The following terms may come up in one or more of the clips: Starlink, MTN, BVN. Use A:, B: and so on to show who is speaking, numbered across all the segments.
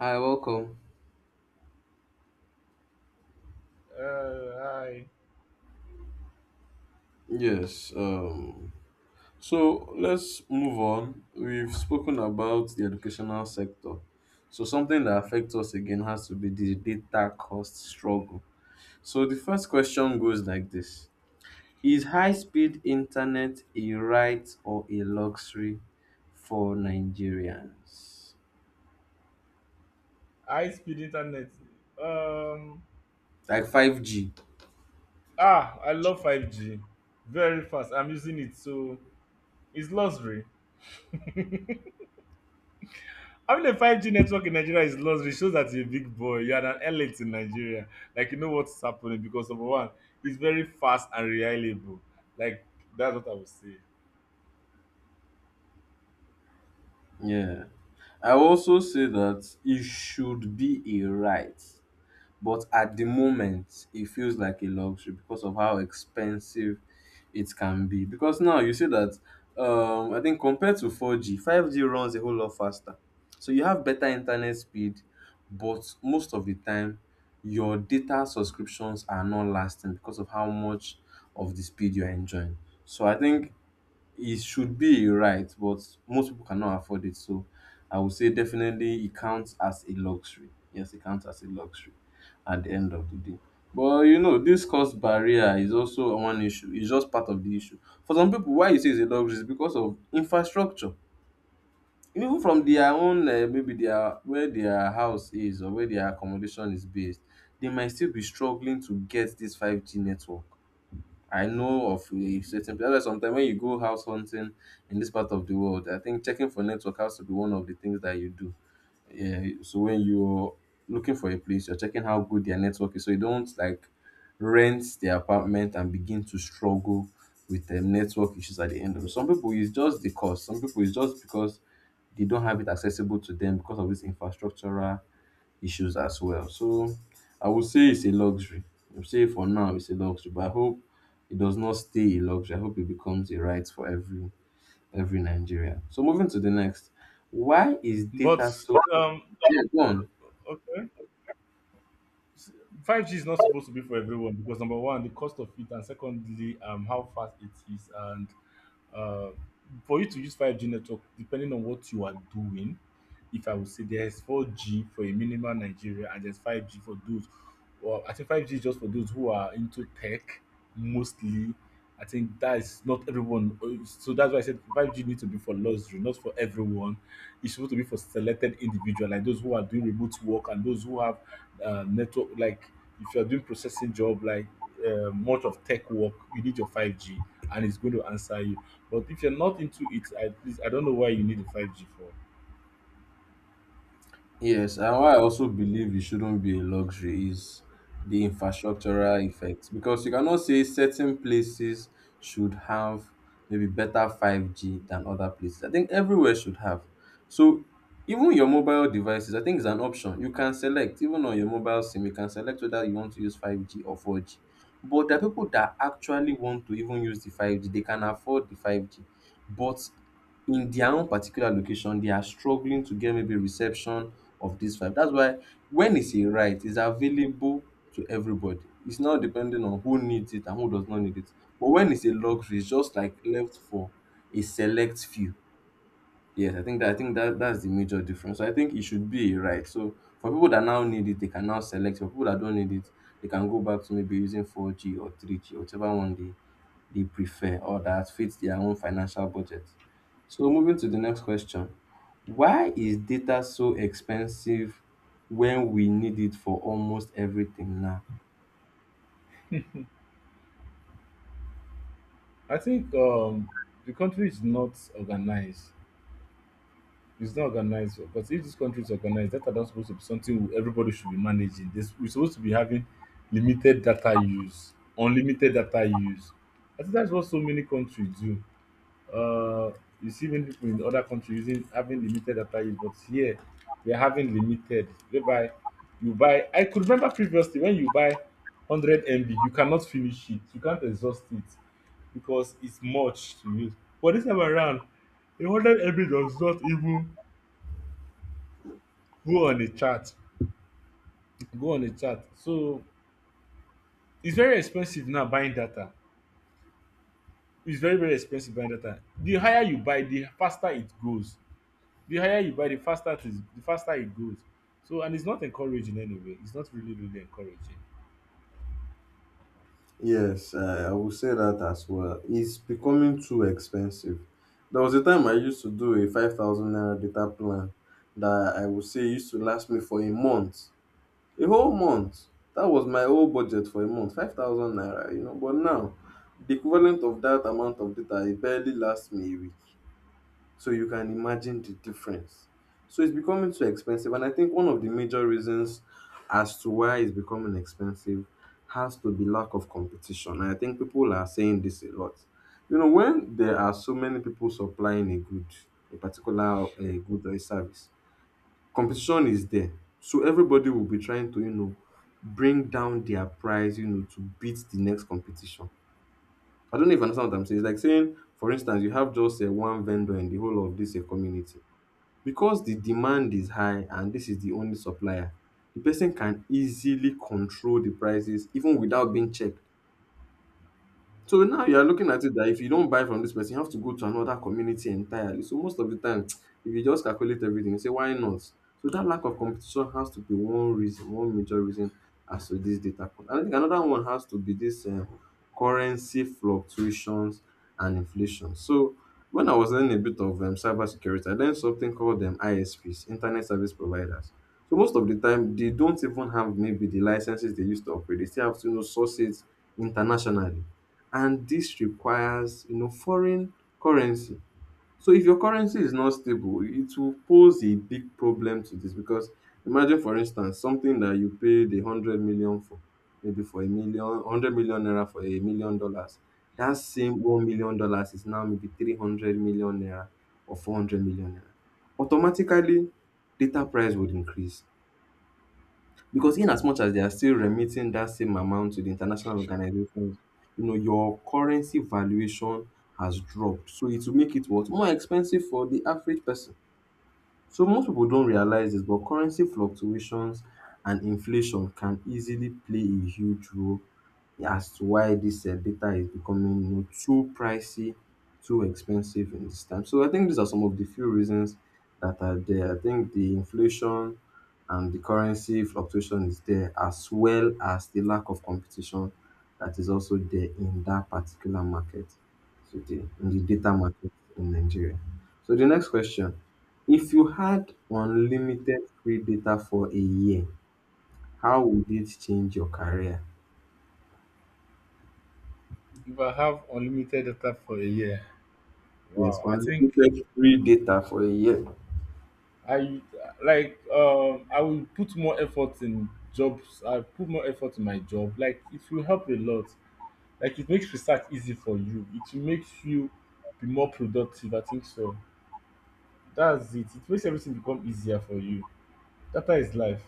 A: Hi, welcome.
B: Hi.
A: Yes. So let's move on. We've spoken about the educational sector. So something that affects us again has to be the data cost struggle. So the first question goes like this. Is high-speed internet a right or a luxury for Nigerians?
B: High speed internet. Um,
A: Like 5G.
B: I love 5G. Very fast. I'm using it, so it's luxury. Having a 5G network in Nigeria is luxury. It shows that you're a big boy. You're an elite in Nigeria. Like, you know what's happening because, number one, it's very fast and reliable. Like, that's what I would say.
A: Yeah. I will also say that it should be a right. But at the moment, it feels like a luxury because of how expensive it can be. Because now you see that I think compared to 4G, 5G runs a whole lot faster. So you have better internet speed, but most of the time, your data subscriptions are not lasting because of how much of the speed you're enjoying. So I think it should be, you're right, but most people cannot afford it. So I would say definitely it counts as a luxury. Yes, it counts as a luxury at the end of the day. But you know, this cost barrier is also one issue. It's just part of the issue. For some people, why you say it's a luxury is because of infrastructure. Even from their own, maybe their where their house is or where their accommodation is based, they might still be struggling to get this 5G network. I know of a certain place. Sometimes when you go house hunting in this part of the world, I think checking for network has to be one of the things that you do. Yeah. So when you're looking for a place, you're checking how good their network is, so you don't like rent their apartment and begin to struggle with the network issues at the end of it. Some people it's just the cost. Some people it's just because they don't have it accessible to them because of this infrastructural issues as well. So I would say it's a luxury. I would say for now it's a luxury, but I hope it does not stay a luxury. I hope it becomes a right for every Nigerian. So moving to the next, why is
B: But,
A: data so?
B: um,
A: Yeah, go on.
B: okay. 5G is not supposed to be for everyone because, number one, the cost of it, and secondly, how fast it is, and uh, for you to use 5G network, depending on what you are doing, if I would say there's 4G for a minimal Nigeria and there's 5G for those. Well, I think 5G is just for those who are into tech mostly. I think that is not everyone. So that's why I said 5G needs to be for luxury, not for everyone. It's supposed to be for selected individual, like those who are doing remote work and those who have network. Like if you are doing processing job, like much of tech work, you need your 5G, and it's going to answer you. But if you're not into it, I, please, I don't know why you need the 5G for.
A: Yes, and why I also believe it shouldn't be a luxury is the infrastructural effects because you cannot say certain places should have maybe better 5G than other places. I think everywhere should have. So even your mobile devices, I think is an option. You can select, even on your mobile SIM, you can select whether you want to use 5G or 4G. But there are people that actually want to even use the 5G. They can afford the 5G. But in their own particular location, they are struggling to get maybe reception of this five. That's why when it's a right, it's available to everybody. It's not depending on who needs it and who does not need it. But when it's a luxury, it's just like left for a select few. Yes, I think that that's the major difference. So I think it should be a right. So for people that now need it, they can now select. For people that don't need it, they can go back to maybe using 4G or 3G, whichever one they prefer or that fits their own financial budget. So moving to the next question. Why is data so expensive when we need it for almost everything now?
B: I think the country is not organized. It's not organized. But if this country is organized, data not supposed to be something everybody should be managing. This, we're supposed to be having limited data use, unlimited data use. I think that's what so many countries do. uh, you see many people in other country using having limited data use, but here we are having limited, whereby you buy, I could remember previously when you buy 100 MB you cannot finish it, you can't exhaust it because it's much to use. But this time around, a 100 MB does not even go on a chart go on a chart. So it's very expensive now buying data. It's very, very expensive buying data. The higher you buy, the faster it goes. The higher you buy, the faster it is, the faster it goes. So, and it's not encouraging anyway. It's not really, really encouraging.
A: Yes, I will say that as well. It's becoming too expensive. There was a time I used to do a 5,000 naira data plan that I would say used to last me for a month. A whole month. That was my whole budget for a month, 5,000 naira, you know. But now, the equivalent of that amount of data it barely lasts me a week. So you can imagine the difference. So it's becoming too expensive, and I think one of the major reasons as to why it's becoming expensive has to be lack of competition. And I think people are saying this a lot. You know, when there are so many people supplying a good, a good or a service, competition is there. So everybody will be trying to, you know, bring down their price, you know, to beat the next competition. I don't know if you understand what I'm saying. It's like saying, for instance, you have just a one vendor in the whole of this community. Because the demand is high and this is the only supplier, the person can easily control the prices even without being checked. So now you are looking at it that if you don't buy from this person, you have to go to another community entirely. So most of the time, if you just calculate everything, you say, why not? So that lack of competition has to be one reason, one major reason as to this data point. And I think another one has to be this currency fluctuations and inflation. So when I was learning a bit of cybersecurity, I learned something called ISPs, Internet Service Providers. So most of the time, they don't even have maybe the licenses they used to operate. They still have to, you know, source it internationally, and this requires, you know, foreign currency. So if your currency is not stable, it will pose a big problem to this, because imagine, for instance, something that you paid 100 million for, maybe for a million hundred million naira for $1 million, that same $1 million is now maybe 300 million naira or 400 million naira. Automatically, data price would increase, because in as much as they are still remitting that same amount to the international organizations, you know, your currency valuation has dropped. So it will make it what? More expensive for the average person. So most people don't realize this, but currency fluctuations and inflation can easily play a huge role as to why this data is becoming, you know, too pricey, too expensive in this time. So I think these are some of the few reasons that are there. I think the inflation and the currency fluctuation is there, as well as the lack of competition that is also there in that particular market, today in the data market in Nigeria. So the next question, if you had unlimited free data for a year, how would it change your career?
B: If I have unlimited data for a year,
A: Yes,
B: wow, I think
A: unlimited free data for a year.
B: I, like, I will put more effort in jobs. I put more effort in my job. Like, it will help a lot. Like, it makes research easy for you. It makes you be more productive. I think so. That's it. It makes everything become easier for you. Data is life.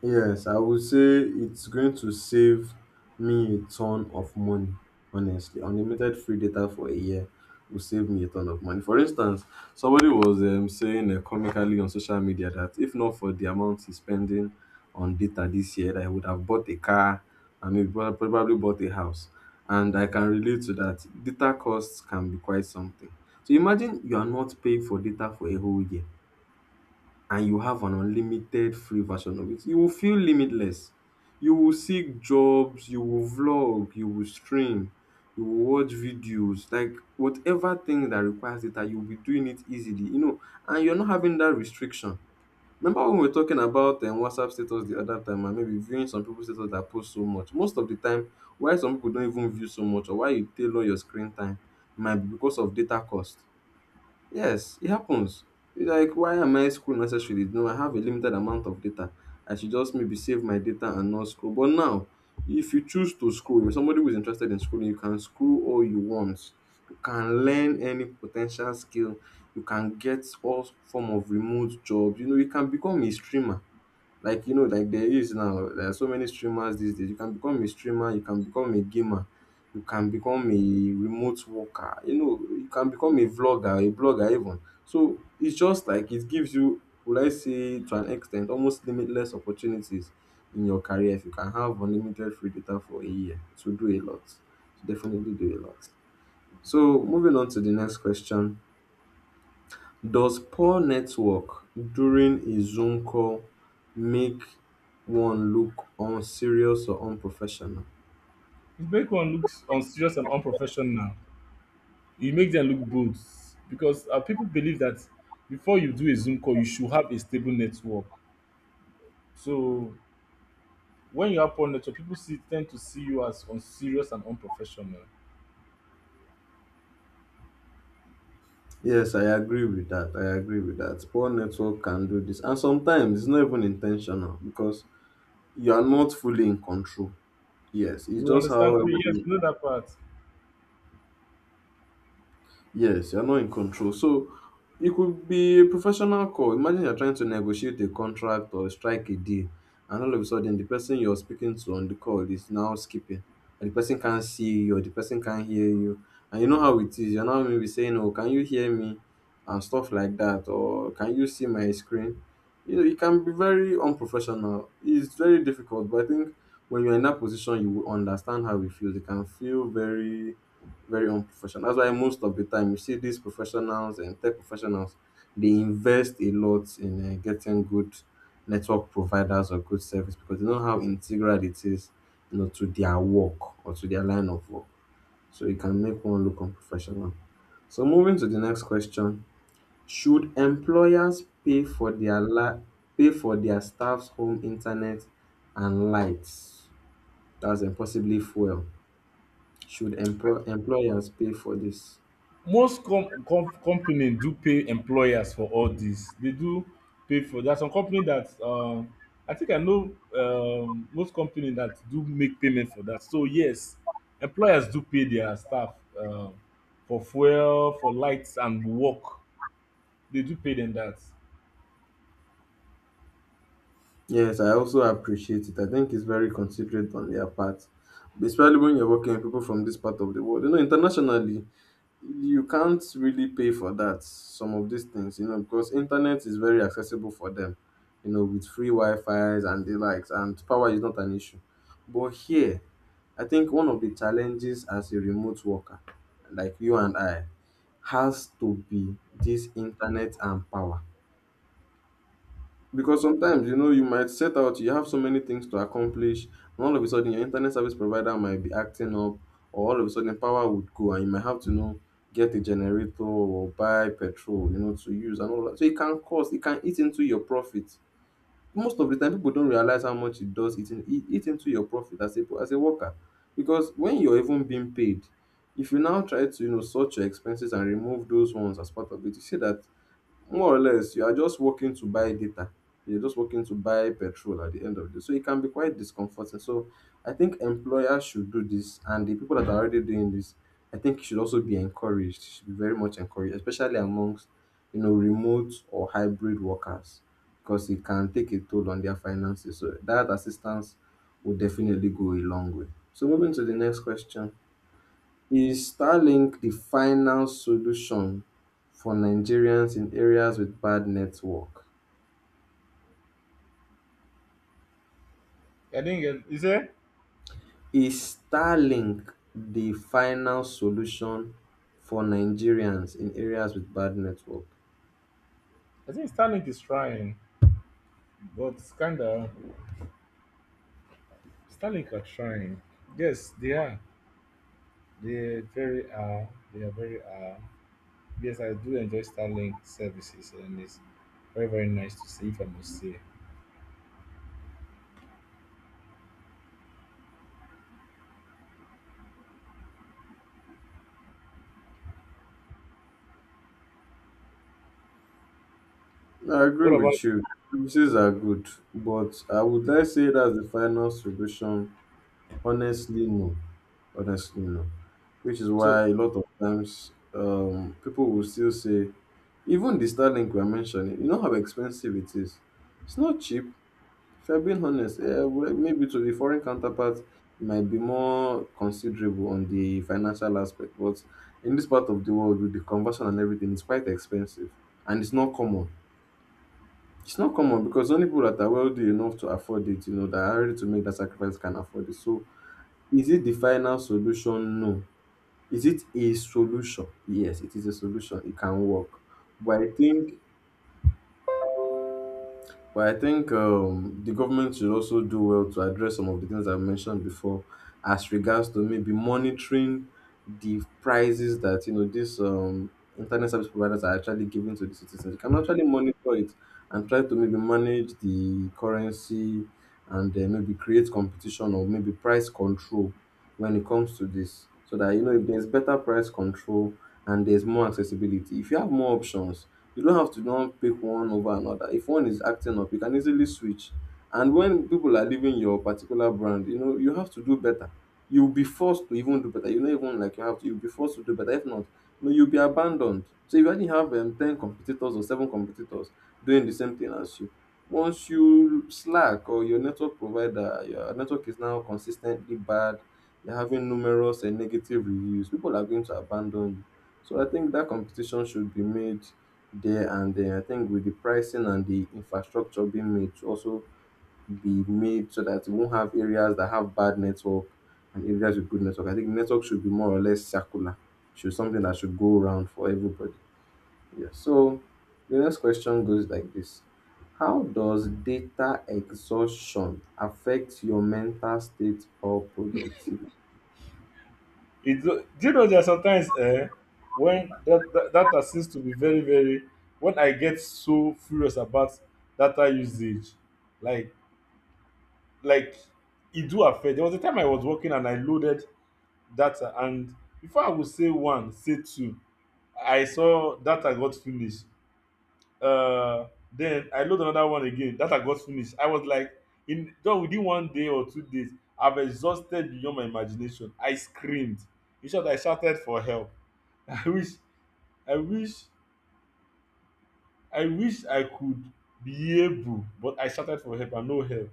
A: Yes, I would say it's going to save me a ton of money, honestly. Unlimited free data for a year will save me a ton of money. For instance, somebody was saying comically on social media that if not for the amount he's spending on data this year, that he would have bought a car and maybe probably bought a house. And I can relate to that. Data costs can be quite something. So imagine you are not paying for data for a whole year and you have an unlimited free version of it, you will feel limitless. You will seek jobs, you will vlog, you will stream, you will watch videos, like whatever thing that requires data, you'll be doing it easily, you know, and you're not having that restriction. Remember when we were talking about WhatsApp status the other time and maybe viewing some people's status that post so much? Most of the time, why some people don't even view so much or why you tailor your screen time might be because of data cost. Yes, it happens. You're like, why am I scrolling unnecessarily? No, I have a limited amount of data. I should just maybe save my data and not scroll. But now, if you choose to scroll, if somebody who is interested in schooling, you can scroll all you want. You can learn any potential skill. You can get all form of remote jobs. You know, you can become a streamer, like, you know, like there is now there are so many streamers these days. You can become a streamer, you can become a gamer, you can become a remote worker, you know, you can become a vlogger, a blogger even. So it's just like it gives you, would I say, to an extent, almost limitless opportunities in your career if you can have unlimited free data for a year to do a lot, to definitely do a lot. So moving on to the next question, does poor network during a Zoom call make one look unserious or unprofessional?
B: It makes one looks unserious and unprofessional. You make them look bold because people believe that before you do a Zoom call, you should have a stable network. So when you have poor network, people see tend to see you as unserious and unprofessional.
A: Yes, I agree with that. I agree with that. Poor network can do this. And sometimes it's not even intentional because you are not fully in control. Yes, it's
B: You
A: just how
B: understand? Oh, yes,
A: everything.
B: you know that part.
A: Yes, you're not in control. So it could be a professional call. Imagine you're trying to negotiate a contract or strike a deal, and all of a sudden, the person you're speaking to on the call is now skipping, or the person can't see you, or the person can't hear you. And you know how it is. You're now maybe saying, oh, can you hear me? And stuff like that, or can you see my screen? You know, it can be very unprofessional. It's very difficult, but I think when you're in that position, you will understand how it feels. It can feel very very unprofessional. That's why most of the time you see these professionals and tech professionals, they invest a lot in getting good network providers or good service because they know how integral it is, you know, to their work or to their line of work. So it can make one look unprofessional. So moving to the next question, should employers pay for their pay for their staff's home internet and lights? That's impossibly fuel. Should employers pay for this?
B: Most company do pay employers for all this. They do pay for there are some company that, I think I know most company that do make payment for that. So yes, employers do pay their staff for fuel, for lights, and work. They do pay them that.
A: Yes, I also appreciate it. I think it's very considerate on their part, especially when you're working with people from this part of the world. You know, internationally, you can't really pay for that, some of these things, you know, because internet is very accessible for them, you know, with free Wi-Fi's and the likes, and power is not an issue. But here, I think one of the challenges as a remote worker, like you and I, has to be this internet and power. Because sometimes, you know, you might set out, you have so many things to accomplish, and all of a sudden your internet service provider might be acting up, or all of a sudden power would go, and you might have to, you know, get a generator or buy petrol, you know, to use and all that. So it can cost, it can eat into your profit. Most of the time, people don't realize how much it does eat into your profit as as a worker. Because when you're even being paid, if you now try to, you know, sort your expenses and remove those ones as part of it, you see that more or less you are just working to buy data, you're just working to buy petrol at the end of the day. So it can be quite discomforting. So I think employers should do this, and the people that are already doing this, I think, should also be encouraged, should be very much encouraged, especially amongst, you know, remote or hybrid workers, because it can take a toll on their finances. So that assistance will definitely go a long way. So moving to the next question, is Starlink the final solution for Nigerians in areas with bad network?
B: I think not get you say.
A: Is Starlink the final solution for Nigerians in areas with bad network?
B: I think Starlink is trying, but it's kinda, Starlink are trying. Yes, they are. They very are. They are very are. Yes, I do enjoy Starlink services, and it's very, very nice to see, if I must say.
A: I agree
B: What about
A: with you. Services are good, but I would not say that's the final solution. Honestly, no. Honestly, no. Which is
B: so?
A: why a lot of times people will still say, even the Starlink we're mentioning, you know how expensive it is. It's not cheap. If you're being honest, yeah, well, maybe to the foreign counterpart, it might be more considerable on the financial aspect. But in this part of the world, with the conversion and everything, it's quite expensive. And it's not common. It's not common because only people that are wealthy enough to afford it, you know, that are ready to make that sacrifice can afford it. So is it the final solution? No. Is it a solution? Yes, it is a solution. It can work. But I think but I think the government should also do well to address some of the things I mentioned before, as regards to maybe monitoring the prices that, you know, these internet service providers are actually giving to the citizens. You can actually monitor it and try to maybe manage the currency, and then maybe create competition or maybe price control when it comes to this, so that, you know, if there's better price control and there's more accessibility, if you have more options, you don't have to don't pick one over another. If one is acting up, you can easily switch, and when people are leaving your particular brand, you know you have to do better. You'll be forced to even do better, you know, even like you have to, you'll be forced to do better. If not, you know, you'll be abandoned. So if you only have 10 competitors or 7 competitors doing the same thing as you, once you slack or your network provider, your network is now consistently bad, you're having numerous and negative reviews, people are going to abandon you. So I think that competition should be made there and then. I think with the pricing and the infrastructure being made to also be made so that you won't have areas that have bad network and areas with good network. I think network should be more or less circular. Should something that should go around for everybody. Yeah. So the next question goes like this. How does data exhaustion affect your mental state or productivity?
B: It, do you know that sometimes when that data seems to be very, very when I get so furious about data usage, like, like it do affect. There was a time I was working and I loaded data, and before I would say one, say two, I saw data got finished. uh then I load another one again, data got finish. I was like, in just within one day or 2 days, I've exhausted beyond my imagination. I screamed. In short, I shouted for help. i wish i wish I wish I could be able, but I shouted for help and no help.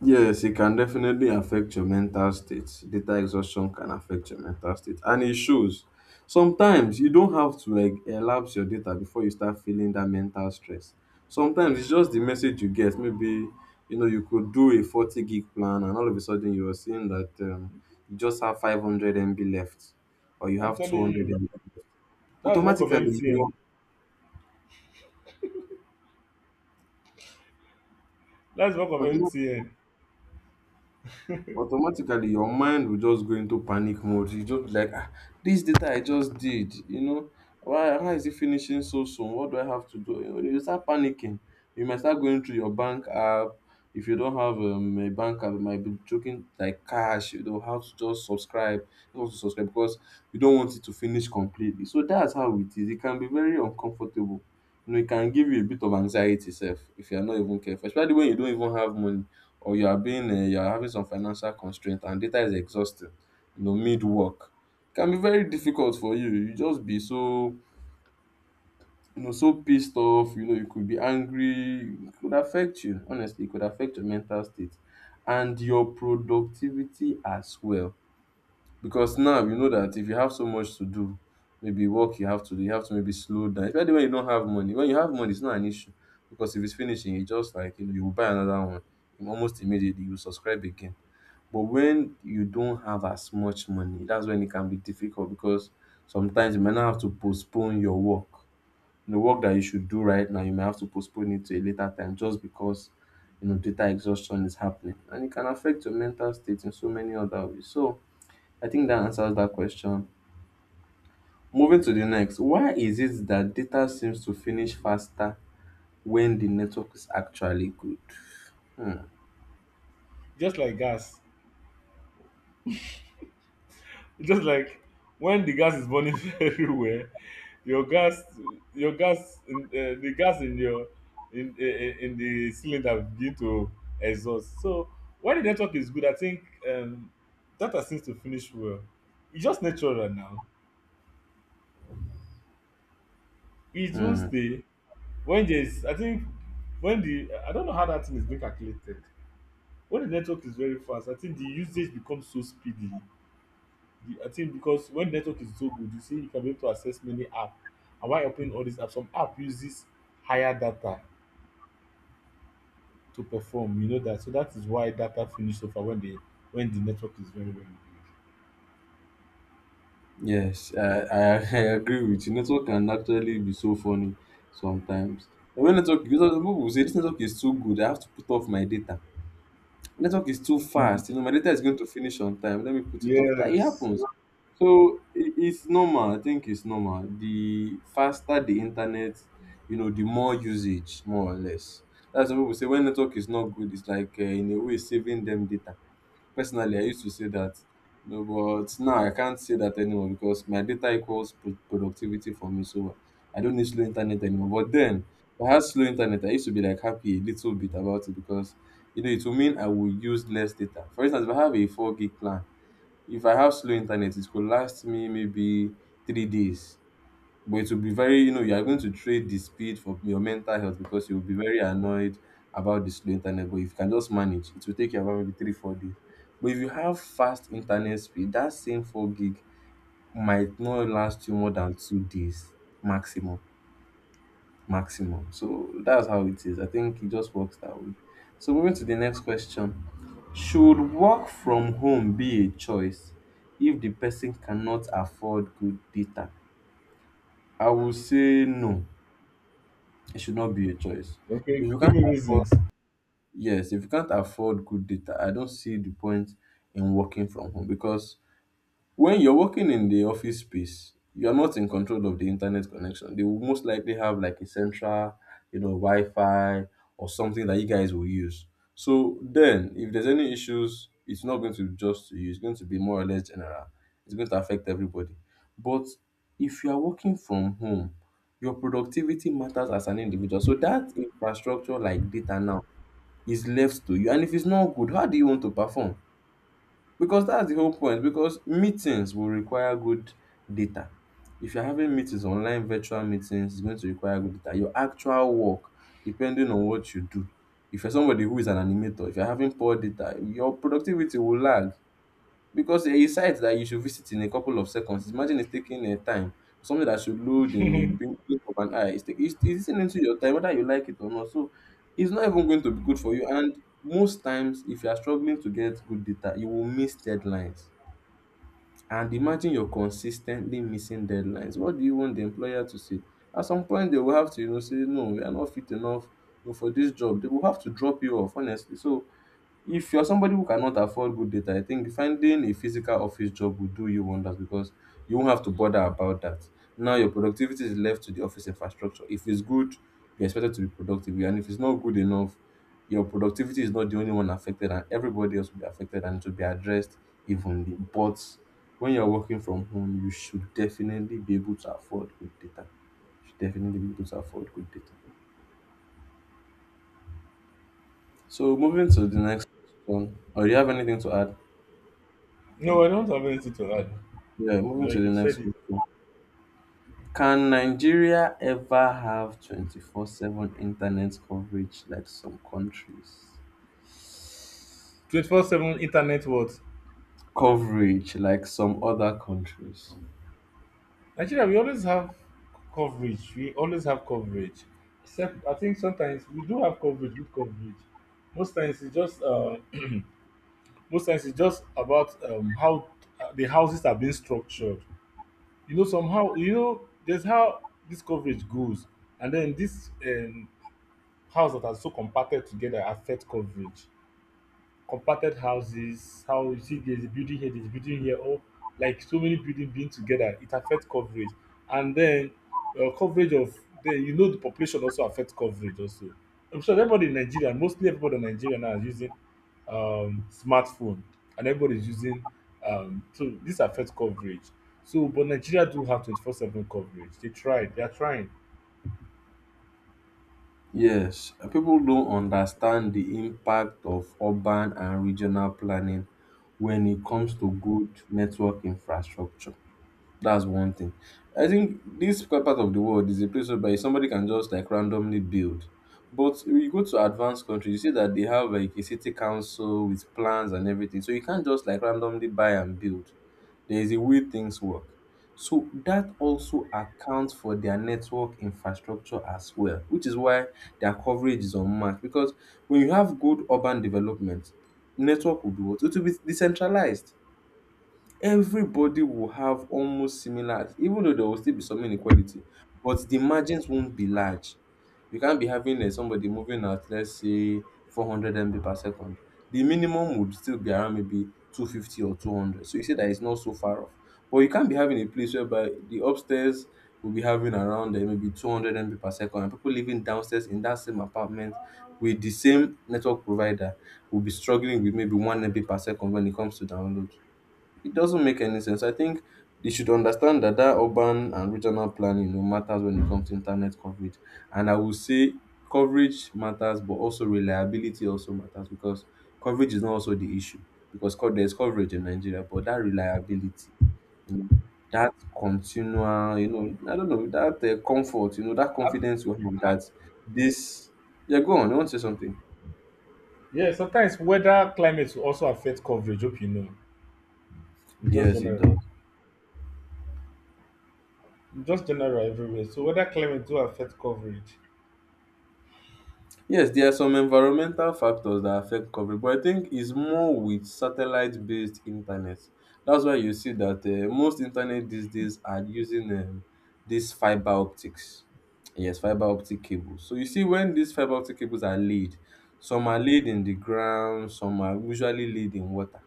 A: Yes, it can definitely affect your mental state. Data exhaustion can affect your mental state, and it shows. Sometimes you don't have to like elapse your data before you start feeling that mental stress. Sometimes it's just the message you get. Maybe you know you could do a 40 gig plan, and all of a sudden you are seeing that you just have 500 MB left, or you
B: I'm
A: have
B: telling
A: 200
B: you,
A: MB.
B: that's work of
A: Automatically,
B: mtn
A: you
B: that's work of
A: know,
B: mtn
A: automatically your mind will just go into panic mode. You just be like, ah, this data I just did, you know, why is it finishing so soon? What do I have to do? You know, you start panicking. You might start going through your bank app. If you don't have a bank app, you might be choking like cash. You how to subscribe because you don't want it to finish completely. So that's how it is. It can be very uncomfortable. You know, it can give you a bit of anxiety, self, if you are not even careful, especially when you don't even have money, or you are being you are having some financial constraint and data is exhausting, you know, mid work. It can be very difficult for you. You just be so, you know, so pissed off. You know, you could be angry. It could affect you, honestly. It could affect your mental state and your productivity as well, because now you know that if you have so much to do, maybe work you have to do, you have to maybe slow down, especially when you don't have money. When you have money, it's not an issue, because if it's finishing, you just like, you know, you will buy another one almost immediately. You will subscribe again. But when you don't have as much money, that's when it can be difficult, because sometimes you might not have to postpone your work. The work that you should do right now, you may have to postpone it to a later time just because, you know, data exhaustion is happening. And it can affect your mental state in so many other ways. So I think that answers that question. Moving to the next, why is it that data seems to finish faster when the network is actually good? Hmm.
B: Just like gas. It's just like when the gas is burning everywhere, your gas, your gas, the gas in your in the cylinder will begin to exhaust. So when the network is good, I think um, data seems to finish well. It's just natural now. It won't
A: Hmm.
B: stay. When there's, I think when the, I don't know how that thing is being calculated. When the network is very fast, I think the usage becomes so speedy. I think because when network is so good, you see, you can be able to access many apps. And while opening all these apps, some app uses higher data to perform. You know that, so that is why data finish over when the network is very, very
A: Yes, I agree with you. Network can actually be so funny sometimes. And when network, because some people will say this network is too good, I have to put off my data. Network is too fast. You
B: good.
A: know, my data is going to finish on time. Let me put it off. That it
B: Yes.
A: happens. So it's normal. I think it's normal. The faster the internet, you know, the more usage, more or less. That's what people say. When network is not good, it's like in a way saving them data. Personally, I used to say that, you know, but now I can't say that anymore because my data equals productivity for me. So I don't need slow internet anymore. But then, if I had slow internet, I used to be like happy a little bit about it because, you know, it will mean I will use less data. For instance, if I have a 4 gig plan, if I have slow internet, it could last me maybe 3 days. But it will be very, you know, you are going to trade the speed for your mental health because you will be very annoyed about the slow internet. But if you can just manage, it will take you about maybe three, 4 days. But if you have fast internet speed, that same four gig might not last you more than 2 days maximum. Maximum. So that's how it is. I think it just works that way. So moving to the next question. Should work from home be a choice if the person cannot afford good data? I will say no. It should not be a choice. If
B: Okay.
A: you
B: Give
A: can't
B: me
A: afford,
B: reasons.
A: yes, if you can't afford good data, I don't see the point in working from home because when you're working in the office space, you're not in control of the internet connection. They will most likely have like a central, you know, Wi-Fi or something that you guys will use. So then, if there's any issues, it's not going to be just to you. It's going to be more or less general. It's going to affect everybody. But if you are working from home, your productivity matters as an individual. So that infrastructure like data now is left to you. And if it's not good, how do you want to perform? Because that's the whole point. Because meetings will require good data. If you're having meetings, online virtual meetings, it's going to require good data. Your actual work, depending on what you do. If you're somebody who is an animator, if you're having poor data, your productivity will lag, because a site that you should visit in a couple of seconds, imagine it's taking a time. Something that should load in the blink of an eye. It's eating into your time, whether you like it or not. So it's not even going to be good for you. And most times, if you are struggling to get good data, you will miss deadlines. And imagine you're consistently missing deadlines. What do you want the employer to say? At some point, they will have to, you know, say, no, we are not fit enough, you know, for this job. They will have to drop you off, honestly. So if you're somebody who cannot afford good data, I think finding a physical office job will do you wonders because you won't have to bother about that. Now your productivity is left to the office infrastructure. If it's good, you're expected to be productive, and if it's not good enough, your productivity is not the only one affected, and everybody else will be affected, and it will be addressed evenly. But when you're working from home, you should definitely be able to afford good data. You should definitely be able to afford good data. So moving to the next one, or do you have anything to add?
B: No, I don't have anything to add.
A: Yeah, moving to
B: Like
A: the
B: you
A: next
B: said it.
A: question. Can Nigeria ever have 24/7 internet coverage like some countries?
B: 24/7 internet what?
A: Coverage like some other countries.
B: Nigeria, we always have coverage. We always have coverage. Except, I think sometimes we do have coverage, good coverage. Most times it's just uh, most times it's just about how the houses are being structured. Somehow, there's how this coverage goes, and then this house that are so compacted together affect coverage. Compacted houses, how you see there's a building here, there's a building here, or like so many buildings being together, it affects coverage. And then coverage of the you know the population also affects coverage also. I'm sure everybody in Nigeria, mostly everybody in Nigeria now is using smartphone, and everybody is using so this affects coverage. So, but Nigeria do have 24/7 coverage. They tried, they are trying.
A: Yes, people don't understand the impact of urban and regional planning when it comes to
B: Mhm.
A: good network infrastructure. That's one thing. I think this part of the world is a place whereby somebody can just like randomly build. But when you go to advanced countries, you see that they have like a city council with plans and everything. So you can't just like randomly buy and build. There is a way things work. So that also accounts for their network infrastructure as well, which is why their coverage is unmatched. Because when you have good urban development, network will be what? It will be decentralized. Everybody will have almost similar, even though there will still be some inequality, but the margins won't be large. You can't be having somebody moving at, let's say, 400 MB per second. The minimum would still be around maybe 250 or 200, so you see that it's not so far off. But you can't be having a place whereby the upstairs will be having around maybe 200 MB per second, and people living downstairs in that same apartment with the same network provider will be struggling with maybe 1 MB per second when it comes to download. It doesn't make any sense. I think they should understand that urban and regional planning, you know, matters when it comes to internet coverage. And I would say coverage matters, but also reliability also matters, because coverage is not also the issue, because there's coverage in Nigeria, but that reliability, you know, that continual, you know, I don't know, that comfort, you know, that
B: Ab-
A: confidence you have that this. Yeah, go on. You want to say something.
B: Yeah, sometimes weather, climate will also affect coverage. Hope you know. It's just
A: Yes, it
B: general.
A: does.
B: Just general everywhere. So whether climate do affect coverage.
A: Yes, there are some environmental factors that affect coverage, but I think it's more with satellite-based internet. That's why you see that most internet these days are using these fiber optics. Yes, fiber optic cables. So you see, when these fiber optic cables are laid, some are laid in the ground, some are usually laid in water.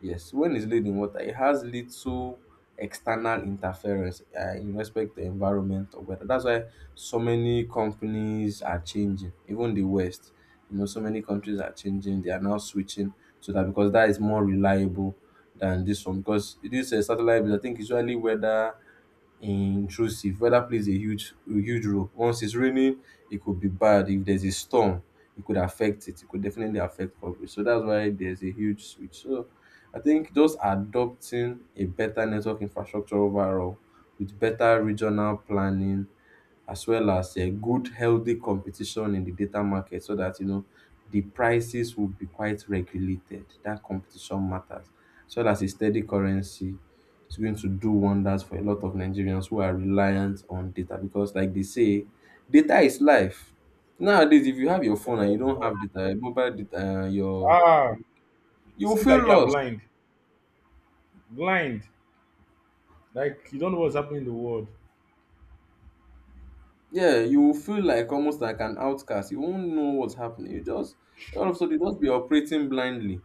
A: Yes, when it's laid in water, it has little external interference in respect to environment or weather. That's why so many companies are changing, even the West. You know, so many countries are changing. They are now switching to that because that is more reliable than this one. Because this satellite, I think, usually weather intrusive. Weather plays a huge role. Once it's raining, it could be bad. If there's a storm, it could affect it. It could definitely affect coverage. So that's why there's a huge switch. So I think just adopting a better network infrastructure overall, with better regional planning, as well as a good healthy competition in the data market, so that, you know, the prices will be quite regulated. That competition matters. So that's a steady currency. It's going to do wonders for a lot of Nigerians who are reliant on data because, like they say, data is life. Nowadays, if you have your phone and you don't have data, mobile data, your
B: Ah, it
A: you will
B: seems like
A: feel
B: you're
A: lost.
B: blind. Blind. Like you don't know what's happening in the world.
A: Yeah, you will feel like almost like an outcast. You won't know what's happening. You just all of a sudden you just be operating blindly,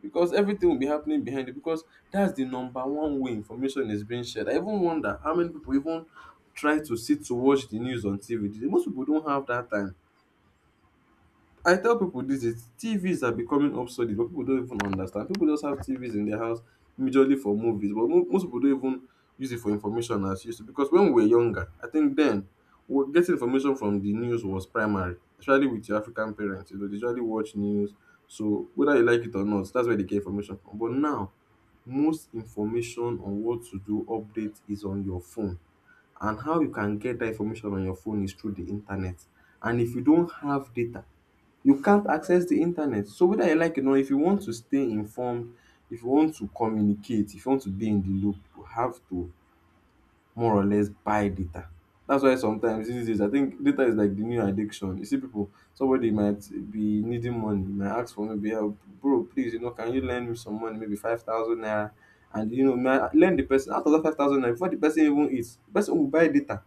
A: because everything will be happening behind you. Because that's the number one way information is being shared. I even wonder how many people even try to sit to watch the news on TV. Most people don't have that time. I tell people this is TVs are becoming obsolete, but people don't even understand. People just have TVs in their house majorly for movies, but most people don't even use it for information as used to. Because when we were younger, I think then we getting information from the news was primary, especially with your African parents. You know, they usually watch news, so whether you like it or not, that's where they get information from. But now, most information on what to do update is on your phone, and how you can get that information on your phone is through the internet, and if you don't have data, you can't access the internet. So whether you like it or not, if you want to stay informed, if you want to communicate, if you want to be in the loop, you have to more or less buy data. That's why sometimes these days I think data is like the new addiction. You see people, somebody might be needing money, might ask for maybe help, bro, please, you know, can you lend me some money, maybe 5,000 naira, and you know, lend the person out of that 5,000 naira before the person even eats. The person will buy data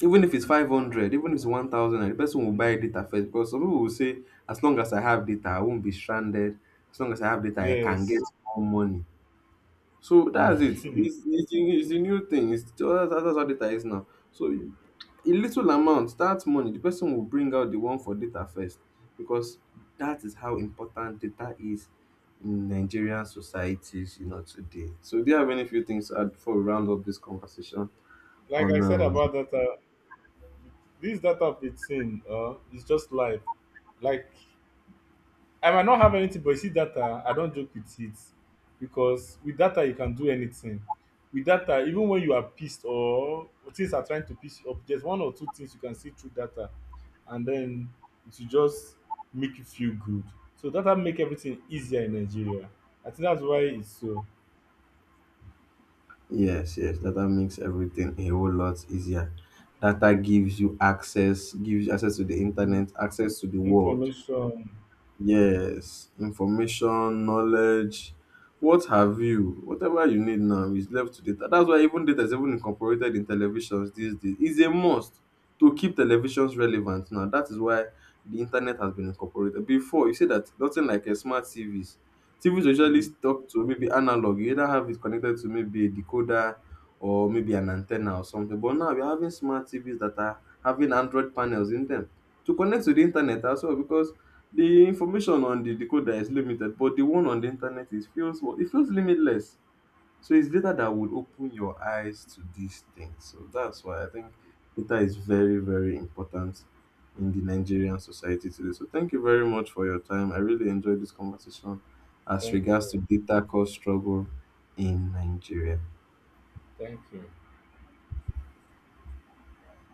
A: even if it's 500, even if it's 1000, and the person will buy data first, because some people will say, as long as I have data, I won't be stranded. As long as I have data, I can get
B: Yes.
A: more money. So that's it. It's,
B: Mm.
A: it's, the new- it's the new thing. That's how data is now. So a little amount, that money, the person will bring out the one for data first, because that is how important data is in Nigerian societies, you know, today. So do you have any few things to add before we round up this conversation
B: Like I
A: on
B: said about data, this data bit thing is just life. Like, I might not have anything, but you see data, I don't joke with it because with data you can do anything. With data, even when you are pissed or things are trying to piss you up, there's one or two things you can see through data, and then it will just make you feel good. So data make everything easier in Nigeria. I think that's why it's so.
A: Yes, yes, data makes everything a whole lot easier. Data gives you access to the
B: Mm.
A: internet, access to the world.
B: Information.
A: Yes, information, knowledge, what have you, whatever you need now is left to data. That's why even data is even incorporated in televisions these days. It's a must to keep televisions relevant now. That is why the internet has been incorporated. Before, you say that nothing like a smart TVs. TVs usually
B: Mm,
A: stuck to maybe analog. You either have it connected to maybe a decoder or maybe an antenna or something. But now we're having smart TVs that are having Android panels in them to connect to the internet as well, because the information on the decoder is limited, but the one on the internet is feels what it feels limitless. So it's data that will open your eyes to these things. So that's why I think data is very, very important in the Nigerian society today. So thank you very much for your time. I really enjoyed this conversation as
B: thank
A: regards
B: you.
A: to data cost struggle in Nigeria.
B: Thank you.